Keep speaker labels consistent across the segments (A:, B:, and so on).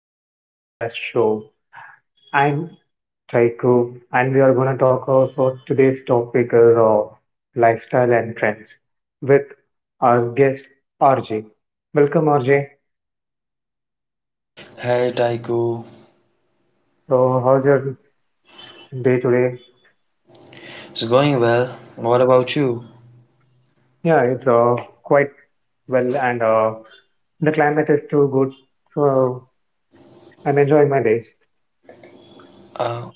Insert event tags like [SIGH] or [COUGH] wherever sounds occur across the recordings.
A: today's podcast show. I'm Taiko, and we are going to talk about today's topic of lifestyle and trends with our guest RJ. Welcome, RJ.
B: Hey Taiko,
A: So, how's your day today?
B: it's going well. What about you?
A: Yeah, it's quite well, and the climate is too good, so I'm enjoying my day.
B: Uh,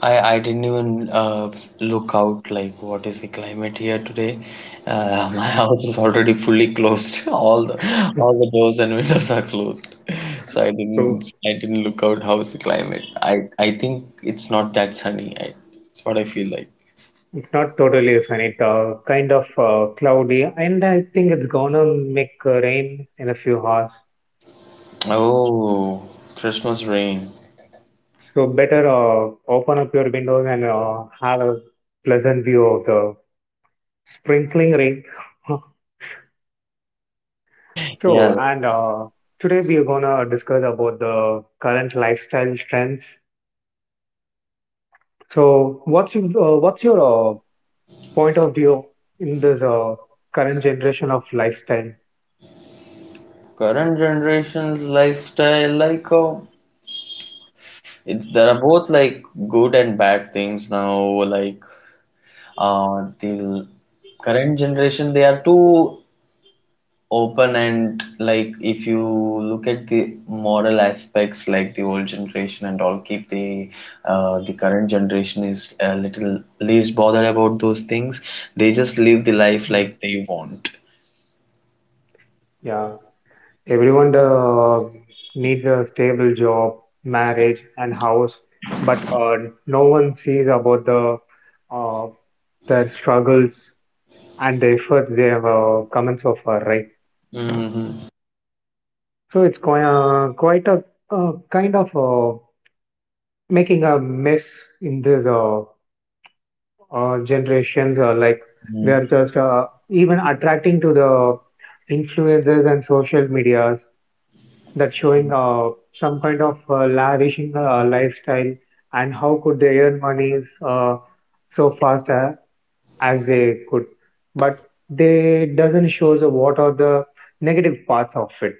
B: I didn't even look out like what is the climate here today. [LAUGHS] My house is already fully closed. [LAUGHS] All
A: [LAUGHS]
B: the doors and windows are closed. [LAUGHS] So I didn't
A: So
B: I didn't look out how's the climate. I think it's not that sunny. It's what I feel like.
A: it's not totally sunny. It's kind of cloudy, and I think it's gonna make rain in a few hours.
B: Oh, Christmas rain.
A: So better open up your windows and have a pleasant view of the sprinkling rain. [LAUGHS] So,
B: Yeah,
A: and today we are gonna discuss about the current lifestyle trends. So, what's your point of view in this current generation of lifestyle?
B: current generation's lifestyle like a. It's, there are both like good and bad things now. Like the current generation, they are too open, and like if you look at the moral aspects, like the old generation and all, keep the current generation is a little least bothered about those things. They just live the life
A: Hmm.
B: like they want.
A: Yeah, everyone needs a stable job, marriage, and house, but no one sees about the uh, their struggles and the effort they have come in so far, right?
B: Hmm.
A: So it's quite, quite a kind of making a mess in this generations. Like they are just even attracting to the influencers and social medias that showing some kind of lavishing lifestyle and how could they earn monies so fast as they could, but they doesn't shows what are the negative parts of it.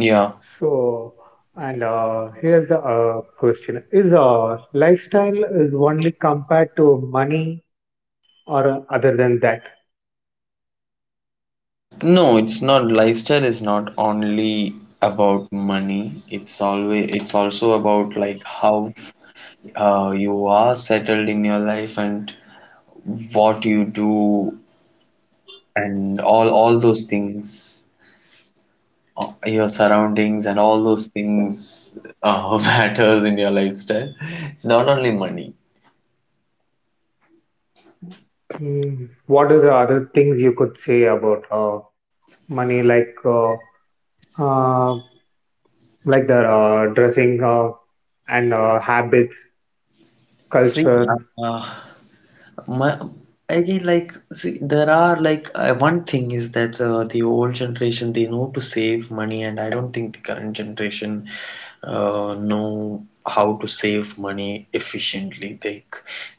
B: Yeah.
A: So, and here's the question: is lifestyle is only compared to money, or other than that?
B: No, it's not. Lifestyle is not only about money. It's also about like how you are settled in your life and what you do and all those things, your surroundings and all those things [LAUGHS] matters in your lifestyle. It's not only money.
A: Mm, what is the other things you could say about money, uh, like the dressing and habits,
B: See,
A: culture?
B: uh, uh, My, again, like, see, there are like one thing is that the old generation they know to save money, and I don't think the current generation know how to save money efficiently. They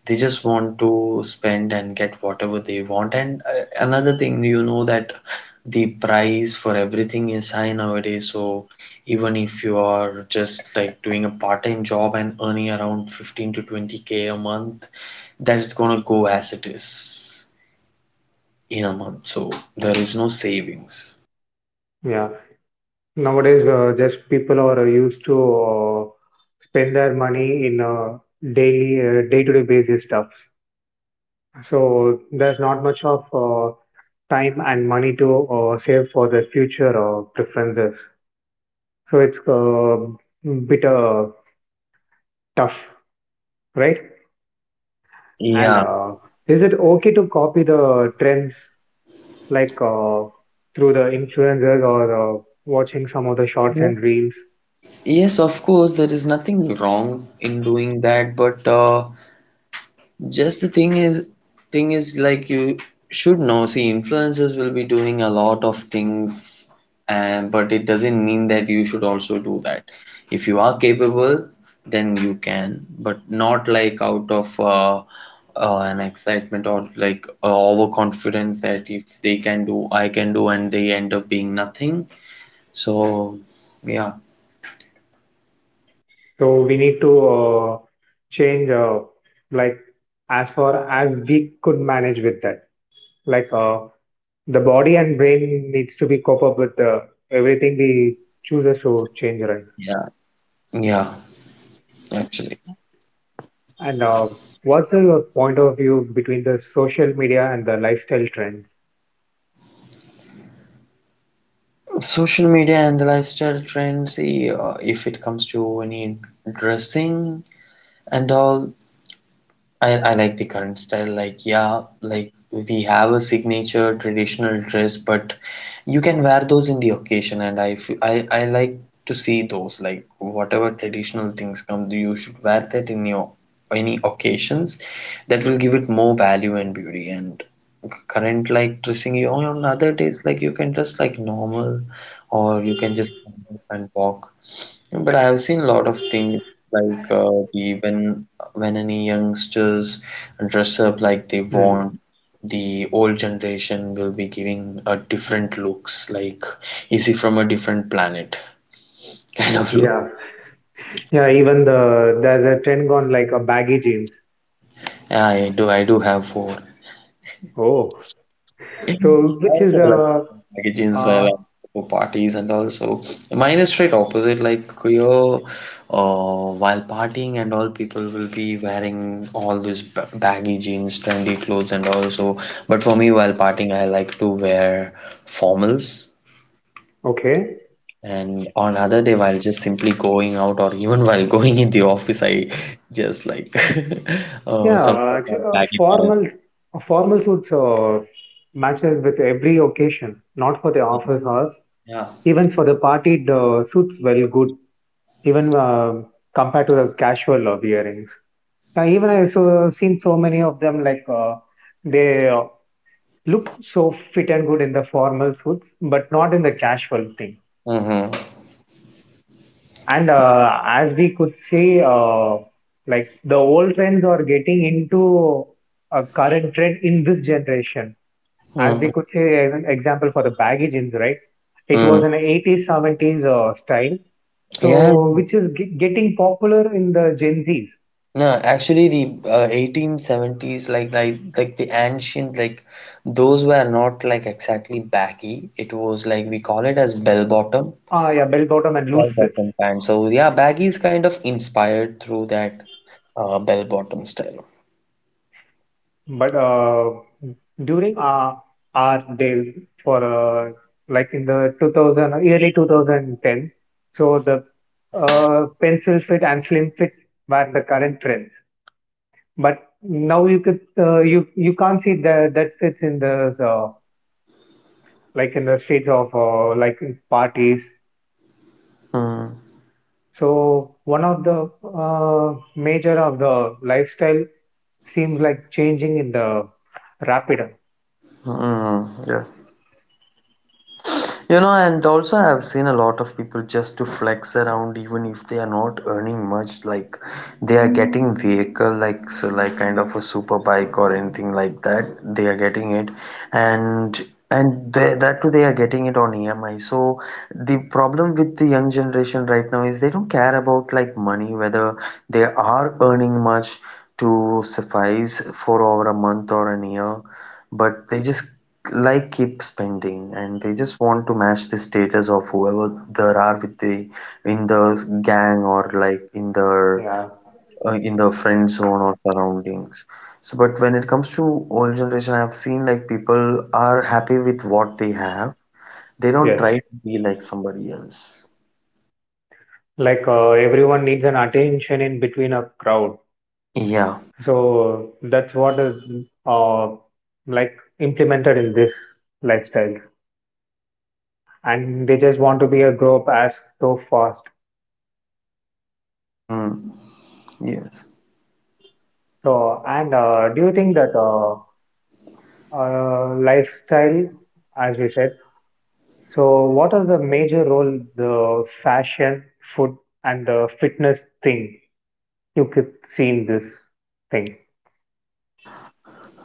B: they just want to spend and get whatever they want. And another thing, you know that the price for everything is high nowadays, so even if you are just like doing a part-time job and earning around 15 to 20K a month, that is gonna go as it is in a month, so there is no savings.
A: Yeah, nowadays just people are used to spend their money in daily day-to-day basis stuff. So there's not much of time and money to save for the future preferences. So it's a bit tough, right? And
B: Yeah.
A: is it okay to copy the trends like through the influencers or watching some of the shorts and reels?
B: Yes, of course, there is nothing wrong in doing that, but Just the thing is like you should know. See, influencers will be doing a lot of things, and but it doesn't mean that you should also do that. If you are capable, then you can, but not like out of an excitement, or like overconfidence that if they can do, I can do, and they end up being nothing. So, yeah,
A: So we need to change like as far as we could manage with that. Like the body and brain needs to be cope up with everything we chooses to change, right?
B: yeah, yeah, actually.
A: And what's your point of view between the social media and the lifestyle trends?
B: Social media and the lifestyle trends, if it comes to any dressing and all, I like the current style. Like, yeah, like we have a signature traditional dress, but you can wear those in the occasion. And I like to see those. Like, whatever traditional things come, you should wear that in your any occasions. That will give it more value and beauty. And current like dressing you on other days, like you can dress like normal, or you can just [LAUGHS] stand up and walk. But I have seen a lot of things like the when any youngsters dress up like they
A: Hmm.
B: want, the old generation will be giving a different looks, like is he from a different planet [LAUGHS] kind of look.
A: Yeah, yeah. Even there's a trend gone like a baggy jeans.
B: I do have four.
A: Oh,
B: And
A: so which is
B: also like magazines where
A: uh
B: like for parties and also, mine is straight opposite. Like here while partying and all, people will be wearing all these baggy jeans trendy clothes and also, but for me while partying I like to wear formals,
A: okay.
B: and on other day while just simply going out or even [LAUGHS] while going in the office I just like [LAUGHS]
A: Yeah,
B: sometimes
A: actually,
B: I-.
A: formal formal suits matches with every occasion. Not for the office hours,
B: Yeah.
A: even for the party. The suits well good. Even compared to the casual wearings. Yeah, even I so seen so many of them like. They look so fit and good in the formal suits, but not in the casual thing.
B: Mm-hmm.
A: And as we could see, like the old trends are getting into a current trend in this generation. As we
B: Mm-hmm.
A: could say, as an example for the baggy jeans, right? It
B: Mm.
A: was an 80s, 70s style,
B: Yeah.
A: so which is getting popular in the Gen Zs.
B: No, actually, the 1870s, like like the ancient, like those were not like exactly baggy. It was like we call it as
A: Ah, yeah, bell bottom and loose
B: bell
A: fits.
B: bottom pants. So yeah, baggy is kind of inspired through that bell bottom style.
A: But during our days for uh, like in the 2000 early 2010, so the pencil fit and slim fit were the current trends. But now you could you can't see that fits in the like in the streets of like in parties.
B: Mm.
A: So one of the major of the lifestyle seems like changing in the rapid.
B: Mm, yeah. You know, and also I've seen a lot of people just to flex around, even if they are not earning much. Like they are getting vehicle, like so, like kind of a super bike or anything like that. They are getting it, and and they, that too they are getting it on EMI. So the problem with the young generation right now is they don't care about like money whether they are earning much to suffice for over a month or a year, but they just like keep spending, and they just want to match the status of whoever there are with the in the gang, or like in their
A: Yeah.
B: in the friend zone or surroundings. So but when it comes to old generation, I've seen like people are happy with what they have. They don't
A: Yes.
B: try to be like somebody else.
A: Like everyone needs an attention in between a crowd,
B: Yeah.
A: so that's what is uh, like implemented in this lifestyle, and they just want to be a grow up as so fast.
B: Mm. Yes.
A: So and uh, do you think that lifestyle as we said, so what is the major role the fashion, food, and the fitness thing you could see in this thing?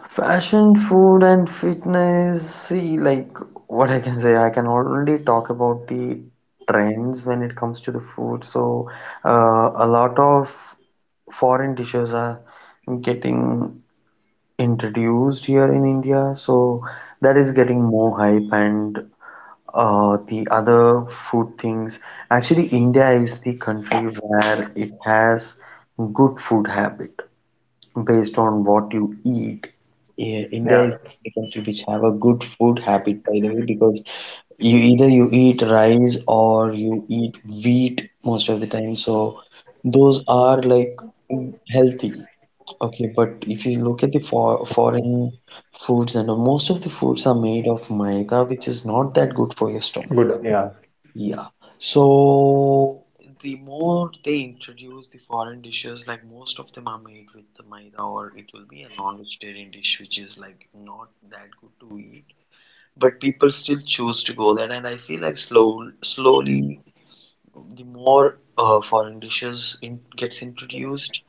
B: Fashion, food, and fitness. See, like, what I can say, I can only talk about the trends when it comes to the food. So, a lot of foreign dishes are getting introduced here in India. So, that is getting more hype, and the other food things. Actually, India is the country where it has good food habit based on what you eat. Yeah, India
A: Yeah,
B: is a country which have a good food habit, by the way, because you either you eat rice or you eat wheat most of the time. So those are like mm, healthy. Okay, but if you look at the foreign foods, and most of the foods are made of maida, which is not that good for your stomach.
A: good. Yeah,
B: Yeah. So the more they introduce the foreign dishes, like most of them are made with the maida, or it will be a non-vegetarian dish, which is like not that good to eat. But people still choose to go there, and I feel like slow, slowly, the more foreign dishes in, gets introduced,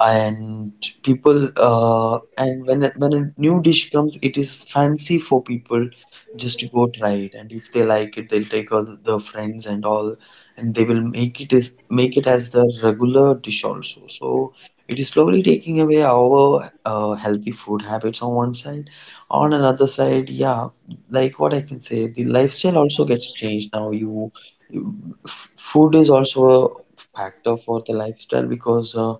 B: and people when a new dish comes, it is fancy for people just to go try it, and if they like it, they'll take all the friends and all, and they will make it as their regular dish also. So it is slowly taking away our healthy food habits on one side. On another side, yeah, like what I can say, the lifestyle also gets changed now. You Food is also a factor for the lifestyle, because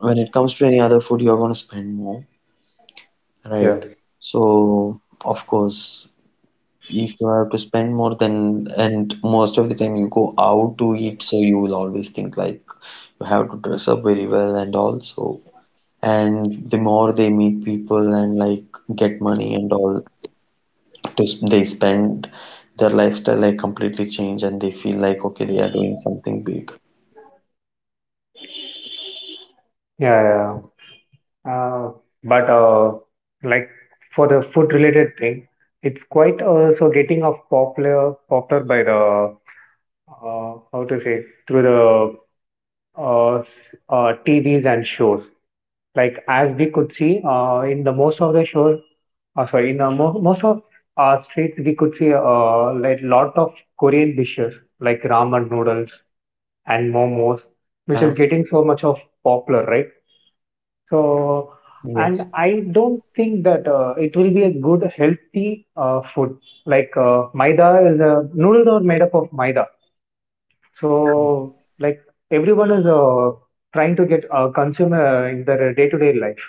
B: when it comes to any other food, you're going to spend more,
A: yeah,
B: right? So of course if you have to spend more then, and most of the time you go out to eat, so you will always think like you have to dress up very well and all. So and the more they meet people and like get money and all they spend, their lifestyle like completely change, and they feel like okay, they are doing something big.
A: yeah, yeah. Uh, but like for the food related thing, it's quite also getting of popular by the how to say through the uh, s- TVs and shows. Like as we could see in the most of the shows, sorry, in the most of our streets, we could see like lot of Korean dishes like ramen noodles and momos, which
B: Yeah.
A: is getting so much of popular, right? So,
B: Yes.
A: and I don't think that it will be a good healthy food. Like maida is noodles are made up of maida. So, like everyone is trying to get consumer in their day-to-day life.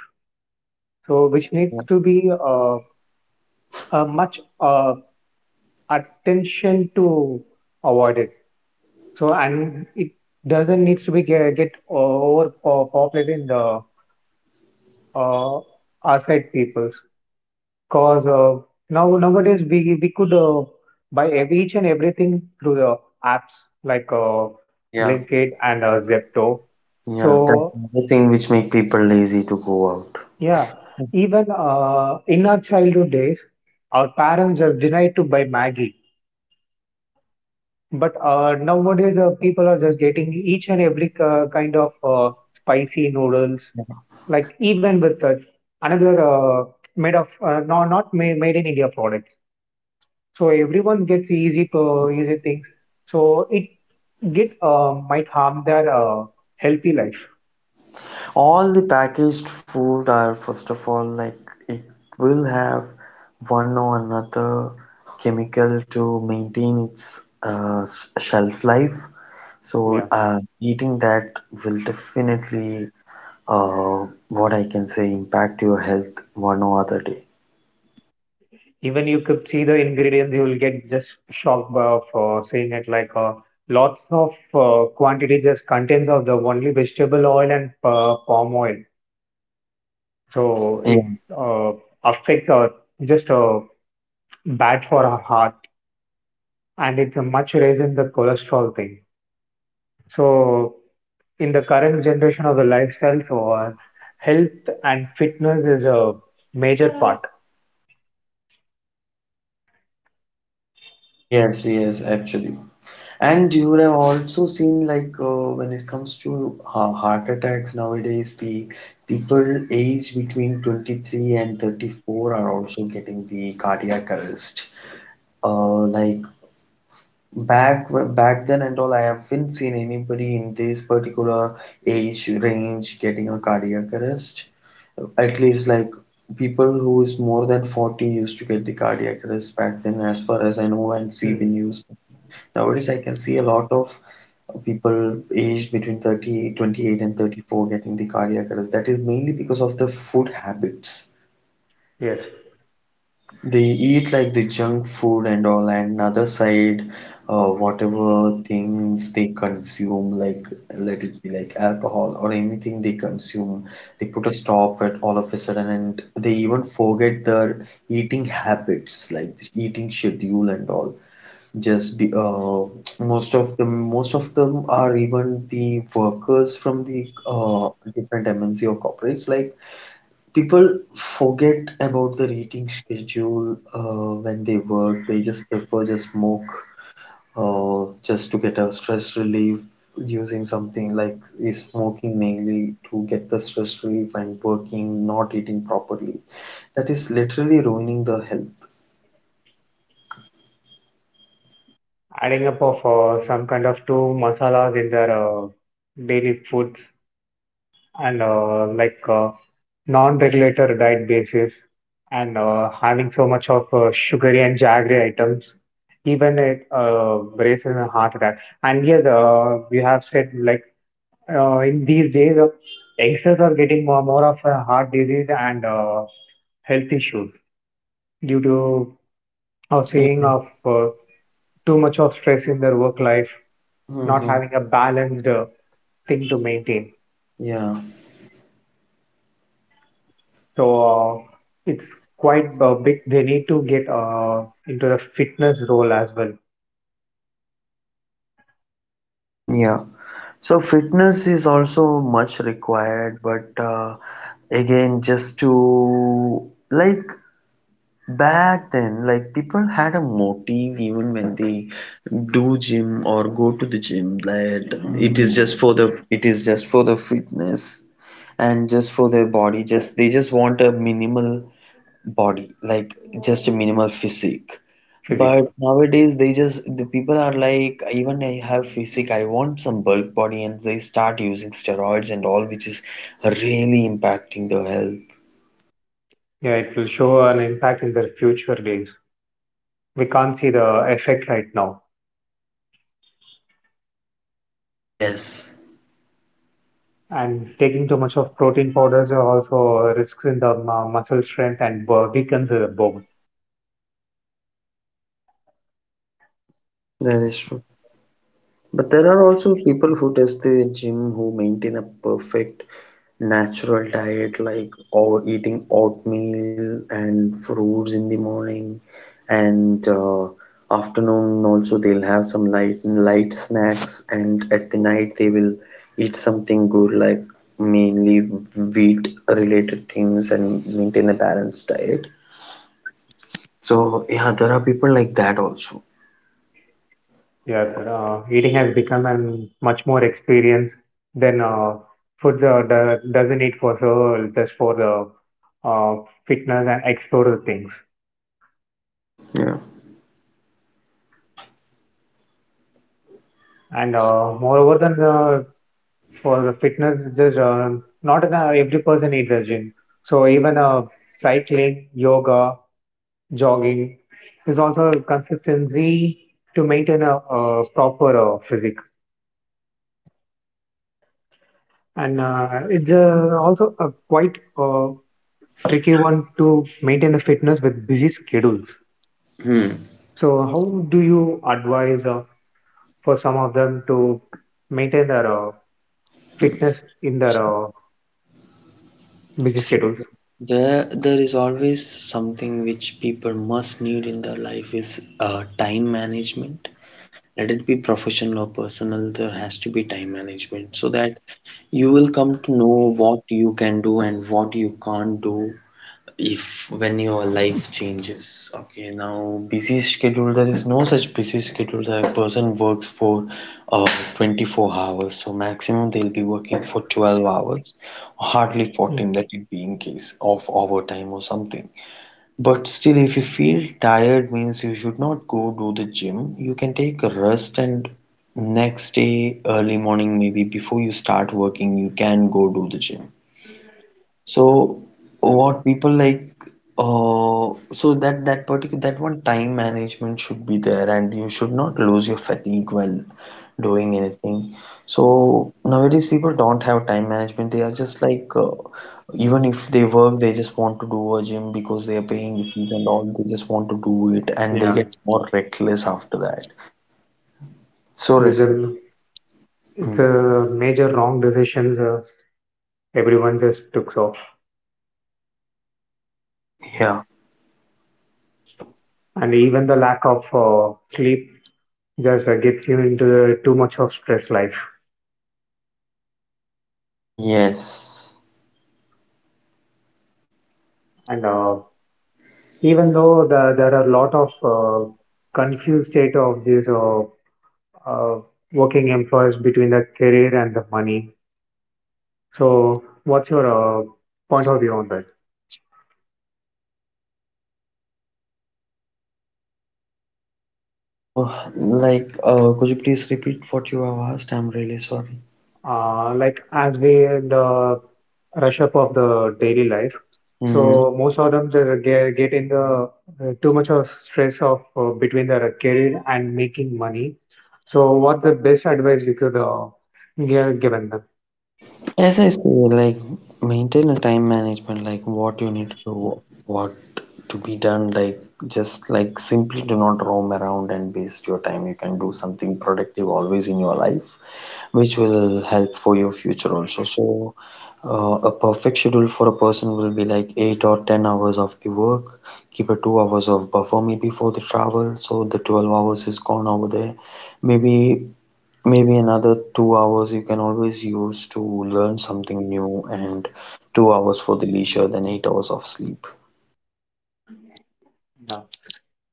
A: So, which
B: Yeah.
A: needs to be much attention to avoid it. So, and it doesn't needs to get overpopulated in the uh, outside peoples. Cause now nowadays we could buy each and everything through the apps like
B: Yeah.
A: Blinkit and Zepto.
B: Yeah, that's
A: So
B: another thing which make people lazy to go out.
A: yeah, even in our childhood days, our parents have denied to buy Maggie. But nowadays, people are just getting each and every kind of spicy noodles, like even with another made of no, not made, made in India products. So everyone gets easy to easy things. So it get might harm their healthy life.
B: All the packaged food are first of all like it will have one or another chemical to maintain its shelf life. So
A: Yeah.
B: eating that will definitely what I can say impact your health one or other day.
A: Even you could see the ingredients, you will get just shocked by of seeing it like lots of quantity just contains of the only vegetable oil and palm oil. So
B: Yeah.
A: it uh, affects or just bad for our heart, and it's a much raise in the cholesterol thing. So in the current generation of the lifestyle, so health and fitness is a major part.
B: Yes, yes, actually. And you I've also seen like when it comes to ha heart attacks nowadays, the people aged between 23 and 34 are also getting the cardiac arrest. Like back back then and all, I haven't seen anybody in this particular age range getting a cardiac arrest. At least like people who is more than 40 used to get the cardiac arrest back then, as far as I know and see the
A: Hmm.
B: news. Nowadays, I can see a lot of people aged between 30, 28 and 34 getting the cardiac arrest. That is mainly because of the food habits.
A: Yes,
B: They eat like the junk food and all, and another side, whatever things they consume, like let it be like alcohol or anything they consume, they put a stop at all of a sudden, and they even forget their eating habits, like eating schedule and all just be, uh, most of them are even the workers from the different MNC or corporates. Like people forget about the eating schedule when they work. They just prefer just smoke just to get a stress relief, using something like is smoking mainly to get the stress relief and working, not eating properly. That is literally ruining the health.
A: adding up of some kind of two masalas in their daily foods and like non-regulated diet basis and having so much of sugary and jaggery items, even it raises a heart attack. And yes, we have said like in these days, youngsters are getting more of a heart disease and health issues due to our saying of too much of stress in their work life, not
B: Mm-hmm.
A: having a balanced thing to maintain.
B: Yeah.
A: So it's quite a big. They need to get into the fitness role as well,
B: Yeah. So fitness is also much required, but again, just to like back then, like people had a motive even when they do gym or go to the gym that it is just for the fitness and just for their body. Just they just want a minimal body, like just a minimal physique.
A: physique.
B: But nowadays they just the people are like even I have physique I want some bulk body, and they start using steroids and all, which is really impacting their health.
A: Yeah, it will show an impact in their future days. We can't see the effect right now.
B: Yes,
A: And taking too much of protein powders are also risks in the muscle strength and weakens the bone.
B: that is true. But there are also people who does the gym, who maintain a perfect natural diet like or eating oatmeal and fruits in the morning and afternoon also they'll have some light snacks, and at the night they will eat something good, like mainly wheat related things, and maintain a balanced diet. So yeah, there are people like that also.
A: Yeah, that, eating has become an much more experience than food doesn't eat for so just for the uh, fitness and explore the things.
B: Yeah.
A: And moreover than for the fitness, just not the, every person needs a gym. So even cycling, yoga, jogging is also a consistency to maintain a proper physique. And it's also a quite tricky one to maintain the fitness with busy schedules.
B: Hmm.
A: So, how do you advise for some of them to maintain their fitness in their busy
B: See,
A: schedules?
B: there is always something which people must need in their life is time management. Let it be professional or personal, there has to be time management, so that you will come to know what you can do and what you can't do if when your life changes. Okay, now busy schedule, there is no such busy schedule that a person works for uh 24 hours, so maximum they'll be working for 12 hours, hardly
A: Hmm.
B: 14, that it be in case of overtime or something. But still if you feel tired means you should not go do the gym, you can take a rest and next day early morning maybe before you start working you can go do the gym. So what people like that one time management should be there, and you should not lose your fatigue while doing anything. So nowadays people don't have time management. They are just like even if they work, they just want to do a gym because they are paying the fees and all. They just want to do it, and they
A: Yeah,
B: get more reckless after that. So
A: there's
B: restless.
A: a, it's
B: Mm.
A: a major wrong decisions everyone just took. So,
B: Yeah.
A: and even the lack of sleep just gets you into the too much of stress life.
B: Yes.
A: And even though there are a lot of confused state of this uh, working employees between the career and the money. So, what's your point of view on that?
B: Uh, like, could you please repeat what you have asked? I'm really sorry.
A: Like, as we in the rush up of the daily life,
B: Mm.
A: so most of them they get in the too much of stress of between their career and making money. So, what the best advice you could given them?
B: As I say, like, maintain a time management, like what you need to do, what to be done, like, just like simply do not roam around and waste your time. You can do something productive always in your life, which will help for your future also. So, a perfect schedule for a person will be like 8 or 10 hours of the work, keep a 2 hours of buffer maybe for the travel, so the 12 hours is gone over there. Maybe Maybe another 2 hours you can always use to learn something new, and 2 hours for the leisure, then 8 hours of sleep.
A: Yeah.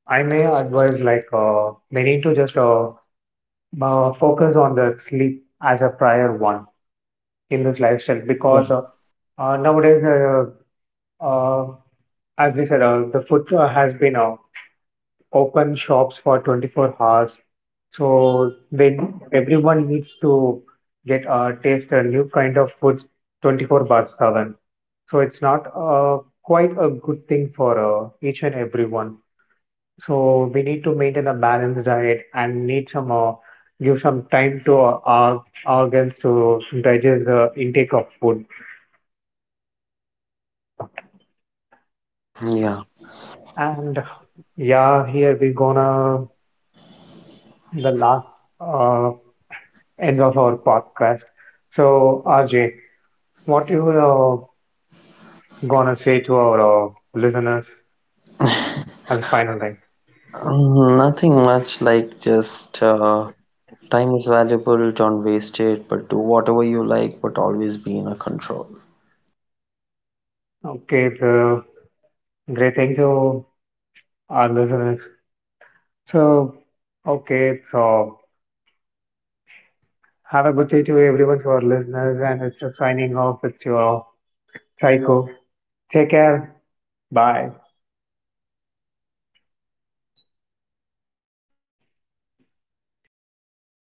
A: I may advise like they need to just focus on the sleep as a prior one in this lifestyle
B: Yeah.
A: because nowadays, uh, as we said, the food has been open shops for 24 hours. So they everyone needs to get taste a new kind of foods 24 bars 7. So it's not quite a good thing for each and everyone. So we need to maintain a balanced diet and need some give some time to our organs to digest the intake of food.
B: Yeah,
A: And yeah, here we gonna the last uh, end of our podcast. So RJ, what you gonna say to our listeners as a final thing?
B: nothing much like just time is valuable, don't waste it, but do whatever you like, but always be in a control.
A: Okay, so great, thank you, our listeners. So okay, so have a good day to everyone to our listeners, and it's a signing off. It's your psycho. Take care. Bye.